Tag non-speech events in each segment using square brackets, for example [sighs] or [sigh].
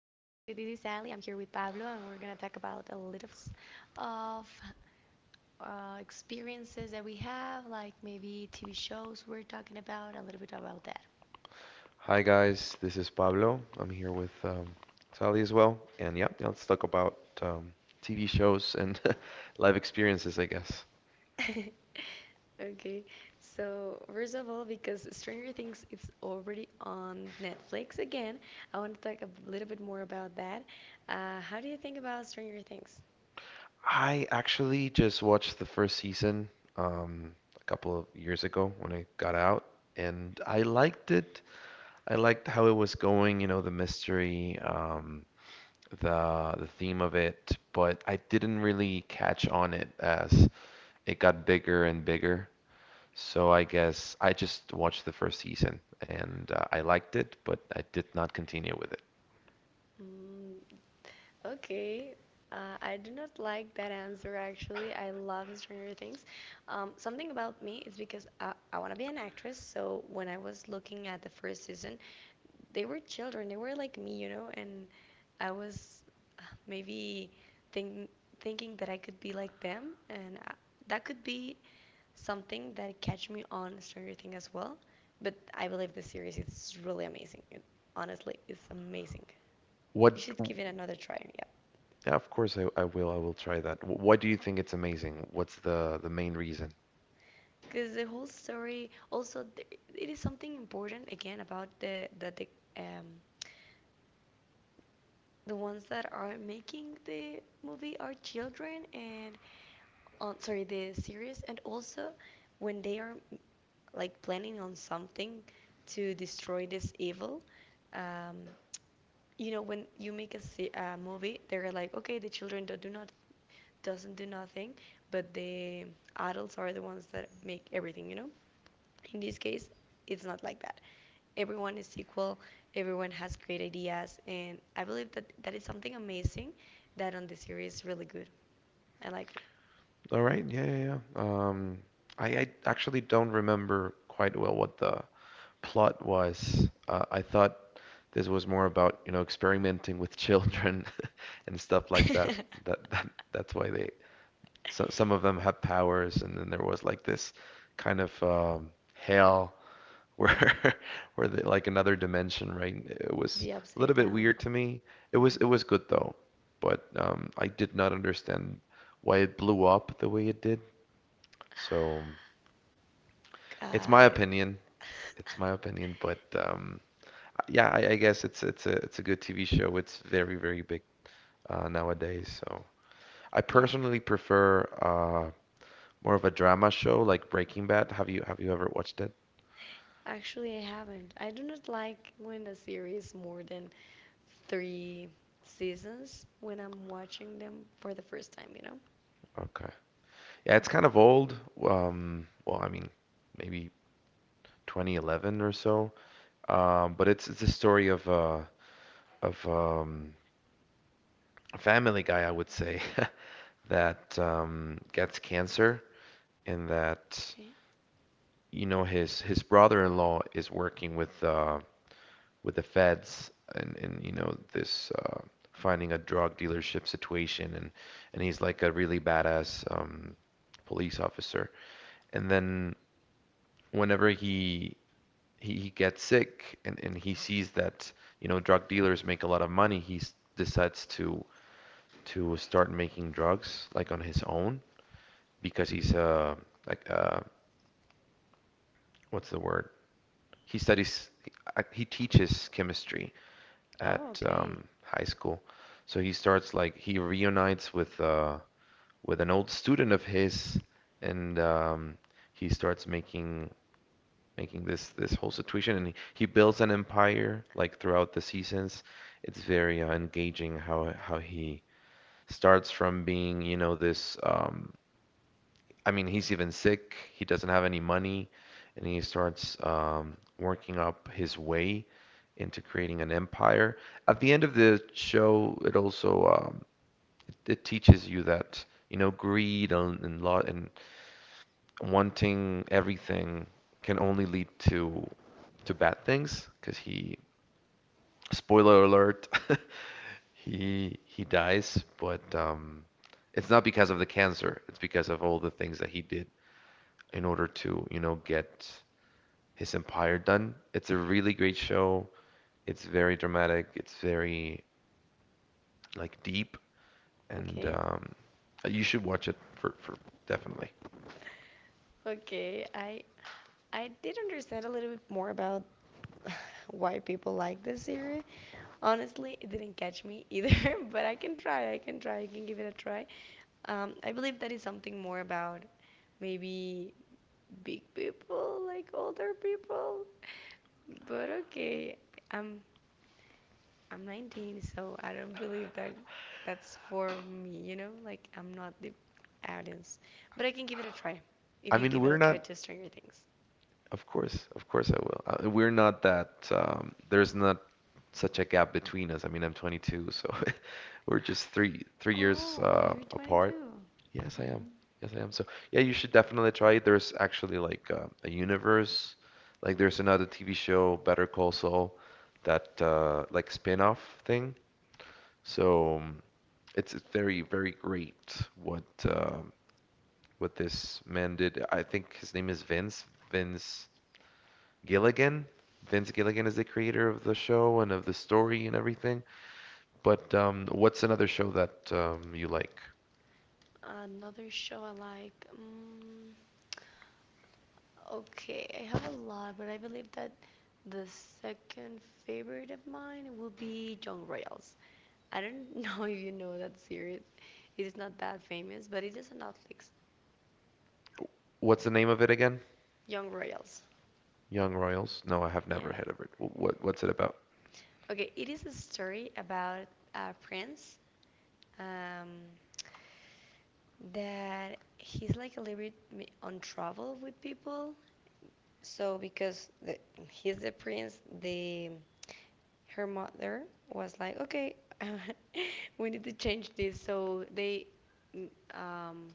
is Sally. I'm here with Pablo, and we're gonna talk about a little s- of experiences that we have, like maybe TV shows. We're talking about a little bit about that. Hi guys, this is Pablo. I'm here with Sally as well, and yeah, yeah, let's talk about um, TV shows and [laughs] live experiences, I guess. [laughs] Okay, so first of all, because Stranger Things is already on Netflix again, I want to talk a little bit more about that. How do you think about Stranger Things? I actually just watched the first season um, a couple of years ago when I got out, and I liked it. I liked how it was going, you know, the mystery, the theme of it, but I didn't really catch on it as it got bigger and bigger. So I guess I just watched the first season and I liked it, but I did not continue with it. Mm, Okay. I do not like that answer actually. I love Stranger Things. Something about me is because I want to be an actress. So when I was looking at the first season, they were children. They were like me, you know, and I was maybe think, thinking that I could be like them. And I, that could be something that catch me on Stranger Things as well. But I believe the series is really amazing. It, honestly, it's amazing. You What, should give it another try. Yeah. yeah, of course I will try that. Why do you think it's amazing? What's the main reason? Because the whole story. It is something important again about um the ones that are making the movie are children and on sorry the series, and also when they are like planning on something to destroy this evil. um you know, when you make a movie, they're like, okay, the children do not doesn't do nothing, but the adults are the ones that make everything, you know. In this case it's not like that. Everyone is equal, everyone has great ideas, and I believe that that is something amazing, that on the series is really good. I like All right, yeah, yeah, yeah. I actually don't remember quite well what the plot was. I thought this was more about, you know, experimenting with children [laughs] and stuff like that. it. That that that's why they So, some of them [laughs] have powers, and then there was like this kind of hell where [laughs] where they, like another dimension, right? It was The a upside little bit down. weird to me. It was Hmm. it was good though, but I did not understand why it blew up the way it did. So it's my Got it. opinion. It's my [laughs] opinion, but yeah, I guess it's a good TV show. It's very big nowadays. So I Yeah, personally prefer more of a drama show like Breaking Bad. Have you ever watched it? actually I haven't. I do not like when a series more than three seasons when I'm watching them for the first time, you know. Okay. Yeah, it's kind of old. Well, I mean, maybe 2011 or so. But it's a story of a family guy, I would say, [laughs] that gets cancer, and that, Okay. you know, his brother-in-law is working with the feds, and, you know, this finding a drug dealership situation, and he's like a really badass police officer. And then whenever he he gets sick, and he sees that, you know, drug dealers make a lot of money, he decides to start making drugs like on his own because he's like what's the word? He studies he teaches chemistry Oh, at okay. High school. So he starts like he reunites with an old student of his, and he starts making making this this whole situation, and he builds an empire like throughout the seasons. It's very engaging how he starts from being, you know, this I mean, he's even sick. He doesn't have any money, and he starts working up his way into creating an empire. At the end of the show, it also it teaches you that, you know, greed and wanting everything can only lead to bad things. Because he, spoiler alert, [laughs] he dies, but it's not because of the cancer. It's because of all the things that he did in order to, you know, get his empire done. It's a really great show. It's very dramatic. It's very like deep, and Okay. You should watch it for definitely. Okay. I did understand a little bit more about [sighs] [laughs] why people like this series. Honestly, it didn't catch me either, [laughs] but I can try. I can try. I can give it a try. I believe that is something more about maybe big people, like older people. But okay, I'm I'm 19, so I don't believe that that's for me. You know, like I'm not the audience, but I can give it a try. If I you mean, give it we're a try not to Stranger Things. Of course, of course I will. We're not that, there's not such a gap between us. I mean, I'm 22, so [laughs] we're just three years apart. Yes, I am. Yes, I am. So yeah, you should definitely try it. There's actually like a universe, like there's another TV show, Better Call Saul, that like spin-off thing. So it's very, very great what this man did. I think his name is Vince. Vince. Gilligan. Vince Gilligan is the creator of the show and of the story and everything. But what's another show that you like? Another show I like. Okay, I have a lot, but I believe that the second favorite of mine will be Young Royals. I don't [laughs] know if you know that series. It is not that famous, but it is on Netflix. What's the name of it again? Young Royals. Young Royals? No, I have Yeah. never heard of it. What what's it about? Okay, it is a story about a prince, um, that he's like a little bit on trouble with people. So he's the prince, the her mother was like, okay, [laughs] we need to change this. So mm, um,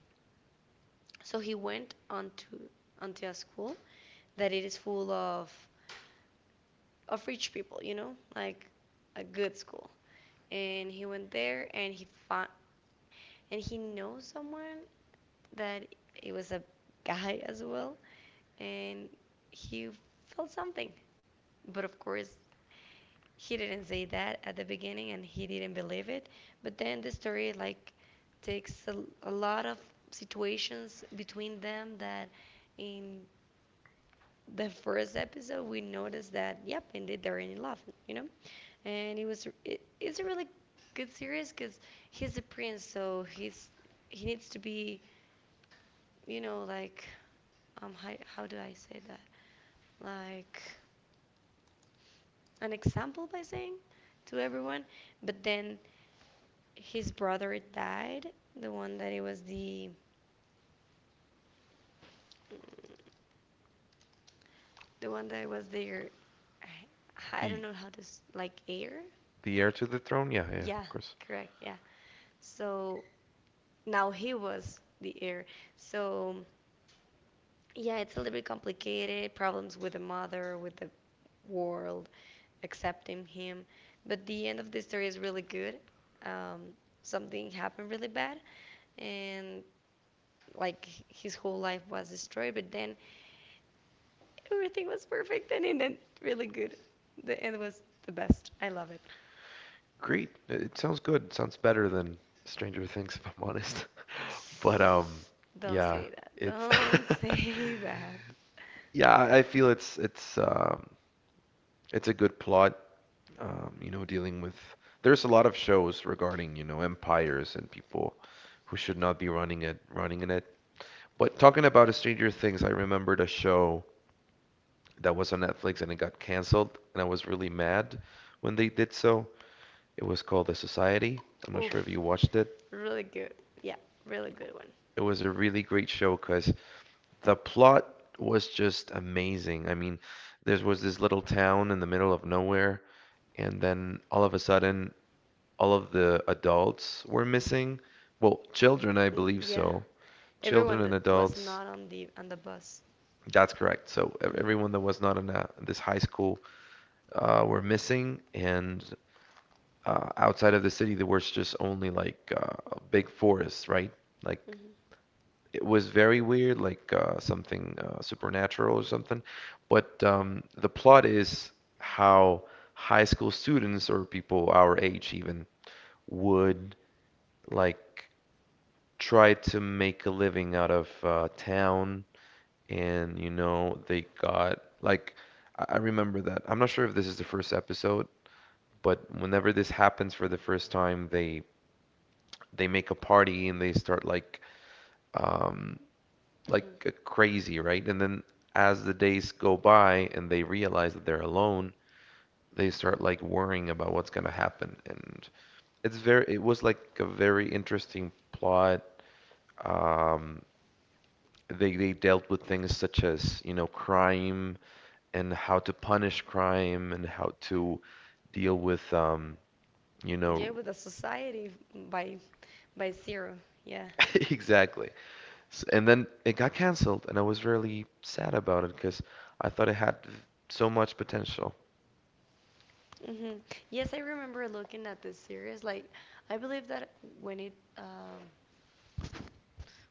so he went onto a school that it is full of rich people, you know, like a good school. And he went there and he found and he knows someone that it was a guy as well, and he felt something. But of course, he didn't say that at the beginning and he didn't believe it, but then the story like takes a lot of situations between them, that in the first episode we noticed that yep, indeed they're in love, you know. And it's a really good series because he's a prince, so he's he needs to be, you know, like, how do I say that, like an example by saying to everyone. But then his brother died. The one that it was the one that was there. I don't The know how to, like, heir, the heir like, to the throne? Yeah, yeah, yeah, of course. correct, yeah. So now he was the heir. So yeah, it's a little bit complicated. Problems with the mother, with the world, accepting him. But the end of the story is really good. Um, Something happened really bad, and like his whole life was destroyed, but then everything was perfect and it ended really good. The end was the best. I love it. Great. It sounds good. It sounds better than Stranger Things, if I'm honest. [laughs] But Don't yeah, say that. it's Don't [laughs] say that. [laughs] yeah, I feel it's a good plot. Um, you know, dealing with. There's a lot of shows regarding, you know, empires and people who should not be running it, running in it. But talking about Stranger Things, I remembered a show that was on Netflix and it got canceled, and I was really mad when they did so. It was called The Society. I'm not sure if Oof. you watched it. Really good. Yeah, really good one. It was a really great show because the plot was just amazing. I mean, there was this little town in the middle of nowhere, and then all of a sudden all of the adults were missing. Well, children, I Mm, believe yeah. so. Children Everyone and that was adults. not on the on the bus. That's correct. So Mhm. everyone that was not in this high school were missing, and outside of the city, there was just only like a big forest, right? Like Mhm. it was very weird, like something supernatural or something. But the plot is how high school students or people our age even would like tried to make a living out of town, and, you know, they got like I remember that. I'm not sure if this is the first episode, but whenever this happens for the first time, they make a party and they start um like Mhm. Crazy, right? And then as the days go by and they realize that they're alone, they start like worrying about what's gonna happen. And it's very it was like a very interesting plot. Um, they dealt with things such as, you know, crime and how to punish crime and how to deal with you Yeah, know, with the society by by zero. Yeah. [laughs] exactly. S and then it got canceled and I was really sad about it because I thought it had so much potential. Mhm. Yes, I remember looking at this series. Like, I believe that when it um,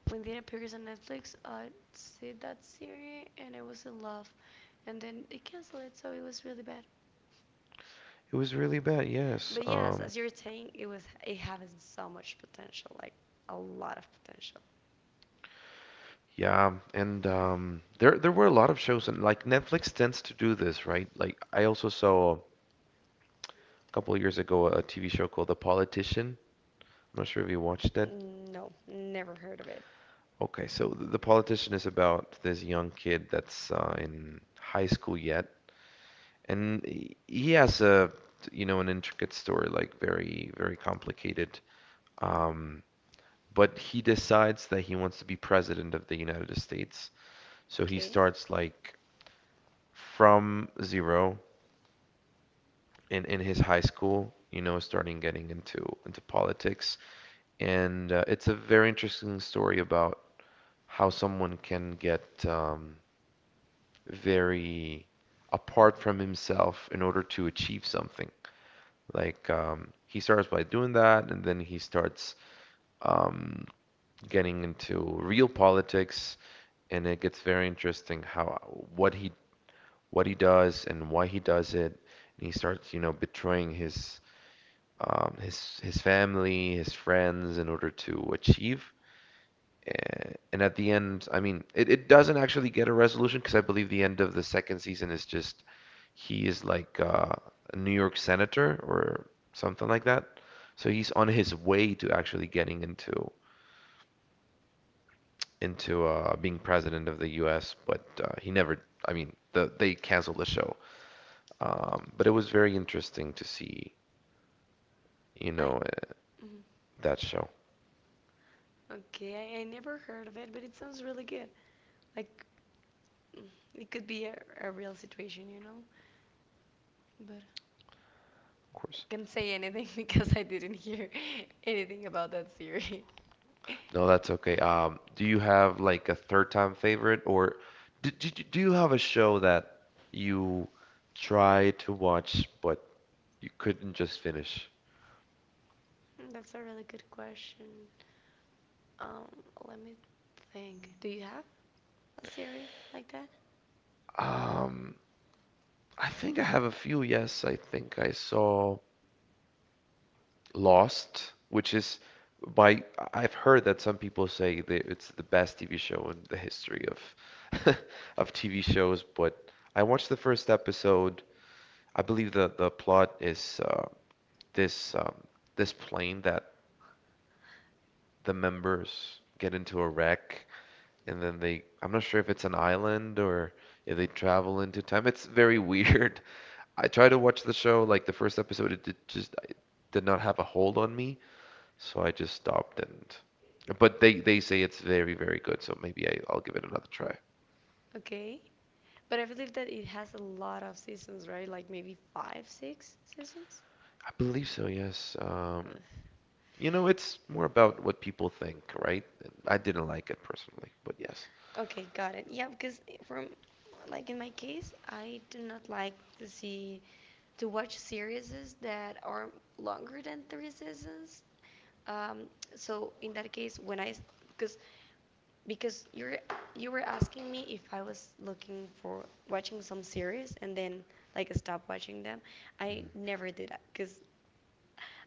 when it appears on Netflix, I see that series and I was in love. And then they canceled it, so it was really bad. It was really bad, yes. But yes, as you're saying, it was it having so much potential, like a lot of potential. Yeah, and there there were a lot of shows, and like Netflix tends to do this, right? Like I also saw a couple of years ago a TV show called The Politician. I'm not sure if you watched that. No, never heard of it. Okay, so The Politician is about this young kid that's in high school yet, and he has a, you know, an intricate story, like very, very complicated. Um, but he decides that he wants to be president of the United States. So he Okay, starts like from zero in his high school, you know, starting getting into politics, and it's a very interesting story about how someone can get very apart from himself in order to achieve something. Like he starts by doing that, and then he starts um, getting into real politics, and it gets very interesting how what he what he does and why he does it, and he starts, you know, betraying his family, his friends in order to achieve. And at the end, I mean, it doesn't actually get a resolution because I believe the end of the second season is just he is like a New York senator or something like that. So he's on his way to actually getting into being president of the U.S., but he never. I mean, they canceled the show. But it was very interesting to see, you I know, mm, that show, of okay, I never heard of it, but it sounds really good. Like, mm, it could be a real situation, you know. But I course. can't say anything [laughs] because I didn't hear [laughs] anything about that series. [laughs] No, that's okay. Do you have like a third time favorite, or do you have a show that you try to watch but you couldn't just finish? Mm, that's a really good question. Um, Let me think. Do you have a series like that? Um, I think I have a few. Yes, I think I saw Lost, which is by I've heard that some people say that it's the best TV show in the history of [laughs] of TV shows, but I watched the first episode. I believe the plot is this this plane that the members get into a wreck and then they I'm not sure if it's an island or if they travel into time. It's very weird. [laughs] I tried to watch the show like the first episode it did not have a hold on me, so I just stopped and but they say it's very very good, so maybe I'll give it another try. Okay. But I believe that it has a lot of seasons, right? Like maybe five, six seasons? I believe so, yes. Ugh. You know, it's more about what people think, right? I didn't like it personally, but yes. Okay, got it. Yeah, because from like in my case, I do not like to see to watch series that are longer than three seasons. Um, so in that case, when I because because you're you were asking me if I was looking for watching some series and then like stop watching them, I Mhm. never did that because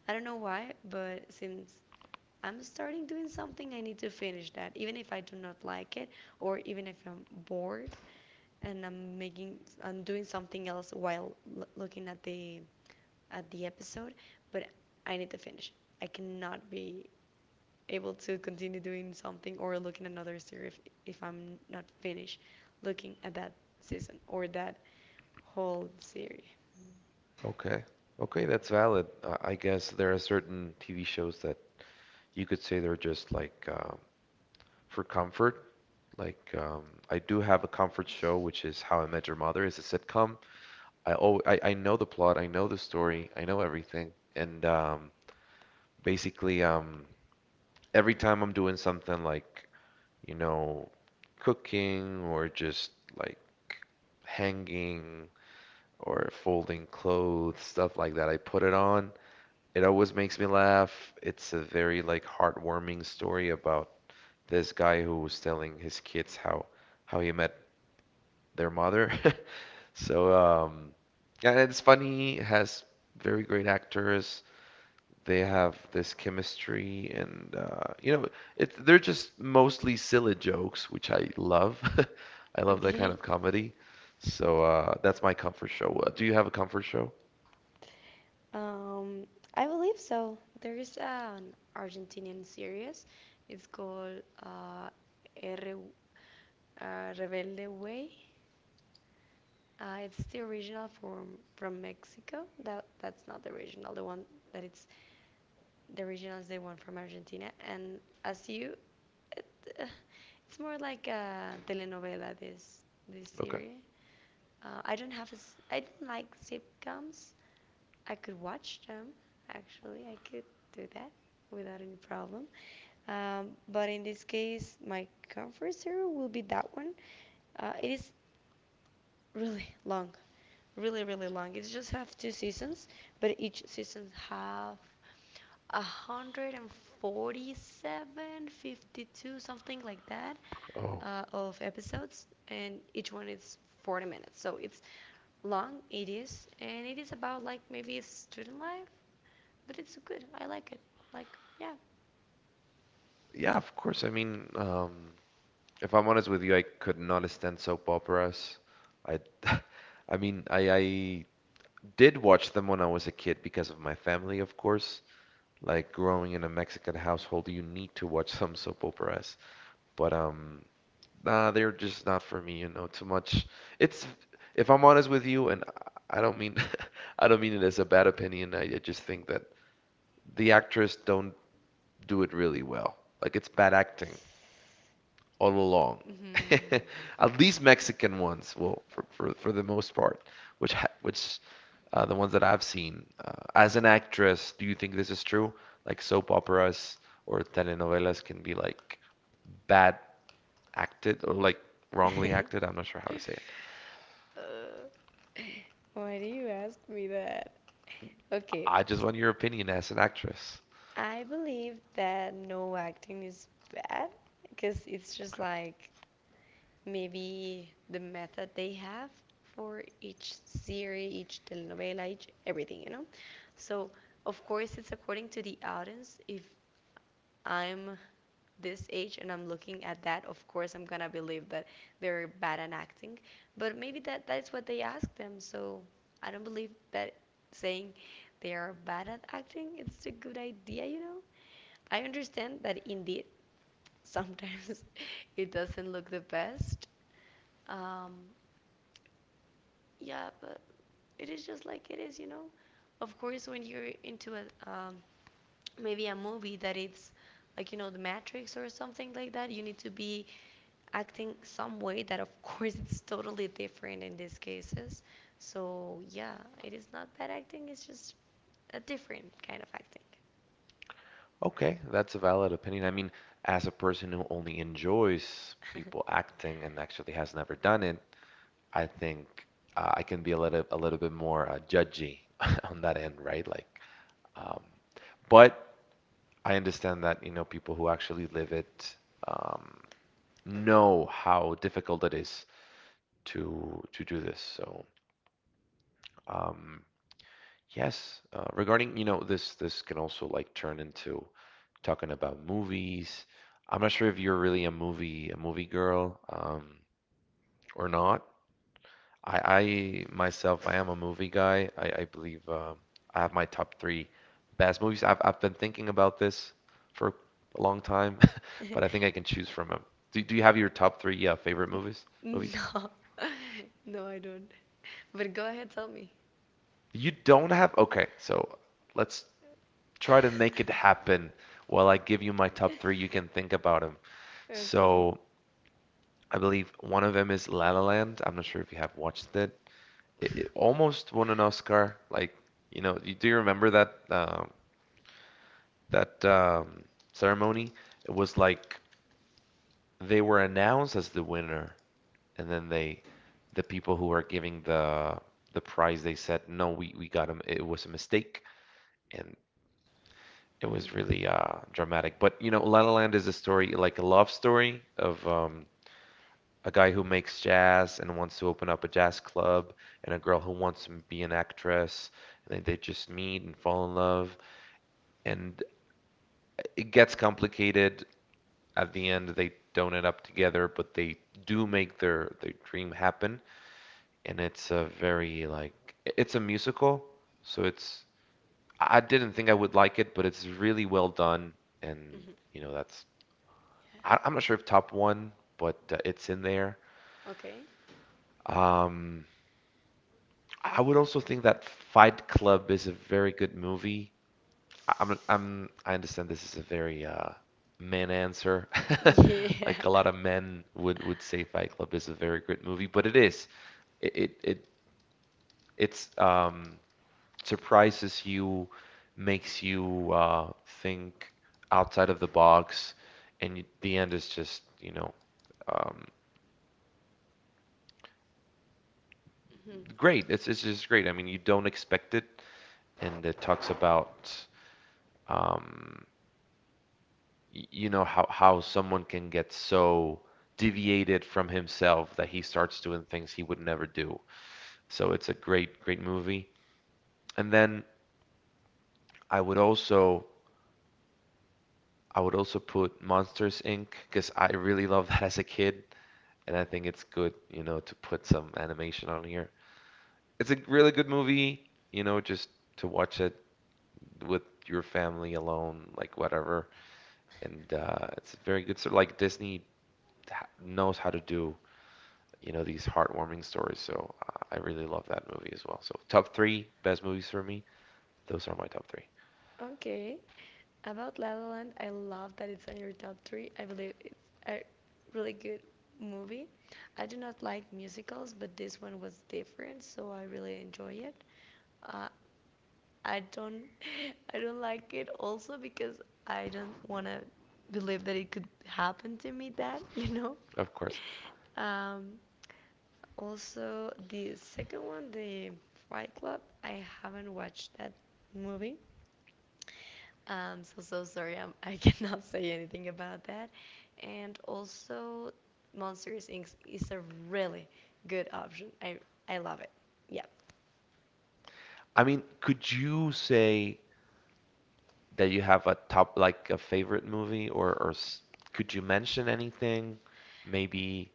I don't know why, but since I'm starting doing something, I need to finish that, even if I do not like it, or even if I'm bored and I'm doing something else while looking at the episode. But I need to finish. I cannot be able to continue doing something or looking at another series if I'm not finished looking at that season or that whole series. [laughs] Okay. Okay, that's valid. I guess there are certain TV shows that you could say they're just like for comfort. Like I do have a comfort show, which is How I Met Your Mother. It's a sitcom. I know the plot, I know the story, I know everything. And basically, every time I'm doing something like, you know, cooking or just like hanging or folding clothes, stuff like that, I put it on. It always makes me laugh. It's a very like heartwarming story about this guy who was telling his kids how he met their mother. [laughs] So um yeah, and it's funny, it has very great actors. They have this chemistry and it they're just mostly silly jokes, which I love. [laughs] I love that kind Okay. of comedy. So that's my comfort show. Do you have a comfort show? Um, I believe so. There is an Argentinian series. It's called R Rebelde Way. It's the original from Mexico. That that's not the original. The one that it's the original is the one from Argentina. And as you, it, uh, it's more like a telenovela. This Okay. series. I don't have a s I don't like sitcoms, I could watch them. Actually, I could do that without any problem. But in this case, my comfort zero will be that one. It is really long, really really long. It just have two seasons, but each season have 140-seven, 52, something like that, Oh. Of episodes, and each one is 40 minutes. So it's long, it is, and it is about like maybe student life, but it's good. I like it. Like yeah. Yeah, of course. I mean, if I'm honest with you, I could not stand soap operas. I, [laughs] I mean, I did watch them when I was a kid because of my family, of course. Like growing in a Mexican household, you need to watch [laughs] some soap operas. But nah, they're just not for me, you know, too much. It's, if I'm honest with you, and I don't mean, [laughs] I don't mean it as a bad opinion. I just think that the actors don't do it really well. Like it's bad acting all along. Hmm. [laughs] At least Mexican ones, well, for the most part, which the ones that I've seen. As an actress, do you think this is true? Like soap operas or telenovelas can be like bad acted or like wrongly acted. [laughs] I'm not sure how to say it. uh, why do you ask me that? Okay, I just want your opinion as an actress. I believe that no acting is bad because it's just like maybe the method they have for each series, each telenovela, each everything, you know? So, of course, it's according to the audience. If I'm this age and I'm looking at that, of course, I'm gonna believe that they're bad at acting. But maybe that that's what they ask them. So, I don't believe that saying they are bad at acting it's a good idea, you know? I understand that indeed sometimes [laughs] it doesn't look the best. Um, yeah, but it is just like it is, you know. Of course, when you're into a maybe a movie that it's like you know The Matrix or something like that, you need to be acting some way that of [laughs] course it's totally different in these cases. So yeah, it is not bad acting. It's just a different kind of acting. Okay, that's a valid opinion. I mean, as a person who only enjoys people acting and actually has never done it, I think I can be a little bit more judgy [laughs] on that end, right? Like, um, but I understand that you know people who actually live it um, know how difficult it is to do this. So um, yes, regarding you know this can also like turn into talking about movies. I'm not sure if you're really a movie girl or not. I myself, I am a movie guy. I believe I have my top three best movies. I've been thinking about this for a long time, [laughs] but I think I can choose from them. Do you have your top three favorite movies? [laughs] N- Movies? No, no, I don't. But go ahead, tell me. You don't have? Okay, so let's try to make it happen. While I give you my top three, you can think about them. Okay. So I believe one of them is La La Land. I'm not sure if you have watched it. It almost won an Oscar. Like, you know, do you remember that that ceremony, it was like they were announced as the winner, and then the people who are giving the prize, they said, no, we got him. It was a mistake, and it Hmm. was really dramatic. But you know, La La Land is a story like a love story of a guy who makes jazz and wants to open up a jazz club, and a girl who wants to be an actress, and then they just meet and fall in love, and it gets complicated at the end they don't end up together, but they do make their dream happen. And it's a very like it's a musical, so it's I didn't think I would like it, but it's really well done. And Hmm. you know that's I, Yes. I'm not sure if top one, but it's in there. Okay. Um, I would also think that Fight Club is a very good movie. I understand this is a very man answer. [laughs] Yeah. Like a lot of men would say Fight Club is a very good movie, but it is. It it, it it's surprises you, makes you think outside of the box, and you, the end is just, you know, um Mhm. great. It's just great. I mean, you don't expect it, and it talks about um you know how someone can get so deviated from himself that he starts doing things he would never do. So it's a great movie. And then I would also I would also put Monsters Inc. because I really [laughs] loved that as a kid, and I think it's good, you know, to put some animation on here. It's a really good movie, you know, just to watch it with your family alone, like whatever. And it's very good. So like Disney knows how to do you know these heartwarming stories. So I really love that movie as well. So top three best movies for me. Those are my top three, Okay. About La La Land, I love that it's on your top three. I believe it's a really good movie. I do not like musicals, but this one was different, so I really enjoy it. Uh, I don't [laughs] I don't like it also because I don't want to believe that it could happen to me that, you know. of course. [laughs] Um, Also the second one, the Fight Club, I haven't watched that movie. So so sorry, I'm, [laughs] I cannot say anything about that. And also Monsters Inc. is a really good option. I love it. Yeah. I mean, could you say that you have a top like a favorite movie, or could you mention anything? Maybe.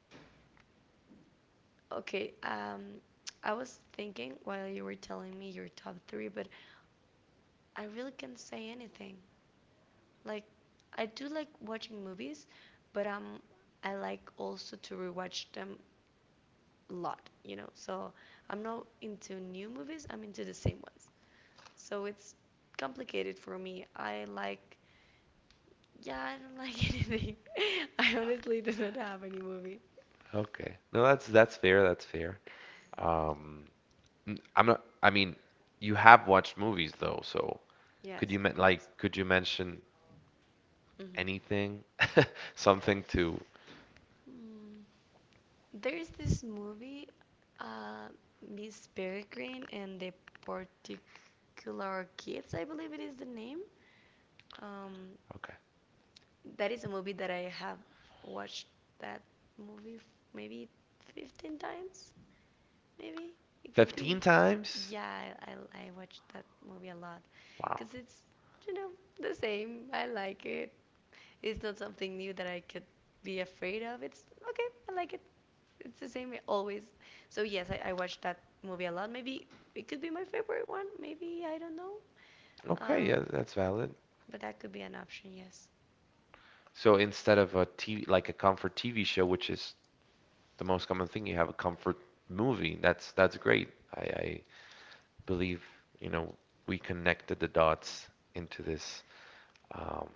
Okay, I was thinking while you were telling me your top three, but I really can't say anything. Like, I do like watching movies, but I like also to rewatch them a lot, you know. So I'm not into new movies, I'm into the same ones. So it's complicated for me. I like, yeah, I don't like [laughs] anything. I honestly do not have any movie. Okay. No, that's fair. That's fair. Um, n- I'm not. I mean, you have watched movies though, so could Yes, you of men like course. could you mention Mm-hmm. anything? [laughs] Something to. Hmm. There's this movie, uh, Miss Peregrine and the Particular Kids, I believe it is the name. Um, Okay. that is a movie that I have watched that movie maybe 15 times, maybe. It could 15 be. times? Yeah, I watched that movie a lot Wow. because it's, you know, the same. I like it. It's not something new that I could be afraid of. It's okay, I like it. It's the same always. So yes, I watched that movie a lot. Maybe it could be my favorite one. Maybe I don't know. Okay, Um, yeah, that's valid. but that could be an option. Yes. So instead of a TV, like a comfort TV show, which is the most common thing, you have a comfort movie. That's great. I believe, you know, we connected the dots into this um,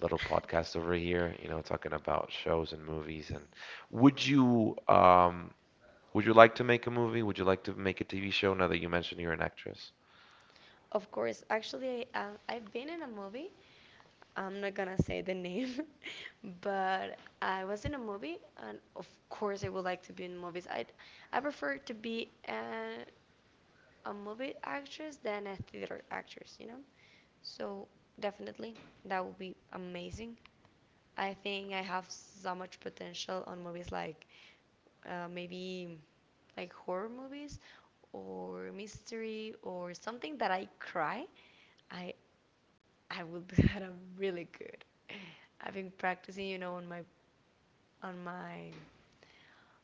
little podcast over [laughs] here, you know, talking about shows and movies. And would you um, would you like to make a movie? Would you like to make a TV show now that you mentioned you're an actress? Of course. Actually, I've been in a movie. I'm not gonna say the name, [laughs] but I was in a movie, and of course, I would like to be in movies. I prefer to be a movie actress than a theater actress. You know, so definitely that would be amazing. I think I have so much potential on movies like maybe like horror movies or mystery or something that I cry. I I will do [laughs] that. I'm really good. I've been practicing, you know, on my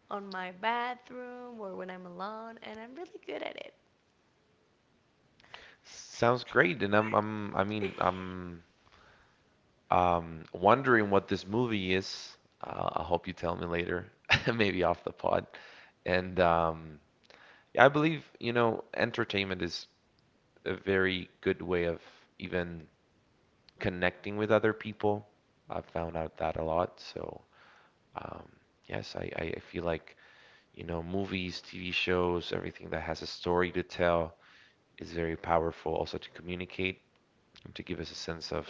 on my bathroom or when I'm alone, and I'm really good at it. Sounds great, and I mean, I'm um, wondering what this movie is. I hope you tell me later, [laughs] maybe off the pod. And yeah, I believe, you know, entertainment is a very good way of even connecting with other people. I've found out that a lot. So, um, yes, I feel like, you know, movies, TV shows, everything that has a story to tell is very powerful also to communicate and to give us a sense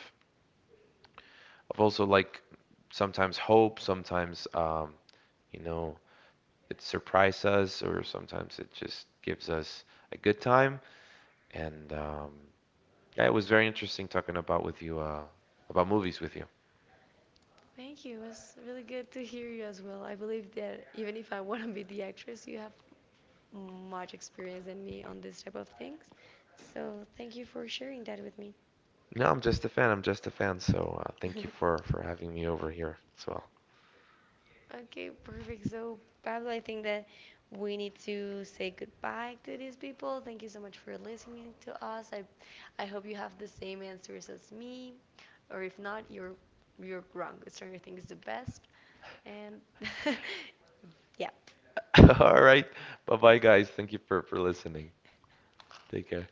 of also like sometimes hope, sometimes you know, it surprises us, or sometimes it just gives us a good time. And yeah, it was very interesting talking about with you about movies with you. Thank you. It's really good to hear you as well. I believe that even if I want to be the actress you have much experience than me on this type of things. So thank you for sharing that with me. No, I'm just a fan. I'm just a fan. So thank you [laughs] for having me over here as well. Okay, perfect. So, Pablo, I think that we need to say goodbye to these people. Thank you so much for listening to us. I hope you have the same answers as me, or if not, you're wrong. Stranger Things is the best. And [laughs] yeah, [laughs] All right. Bye bye, guys. Thank you for listening. Take care.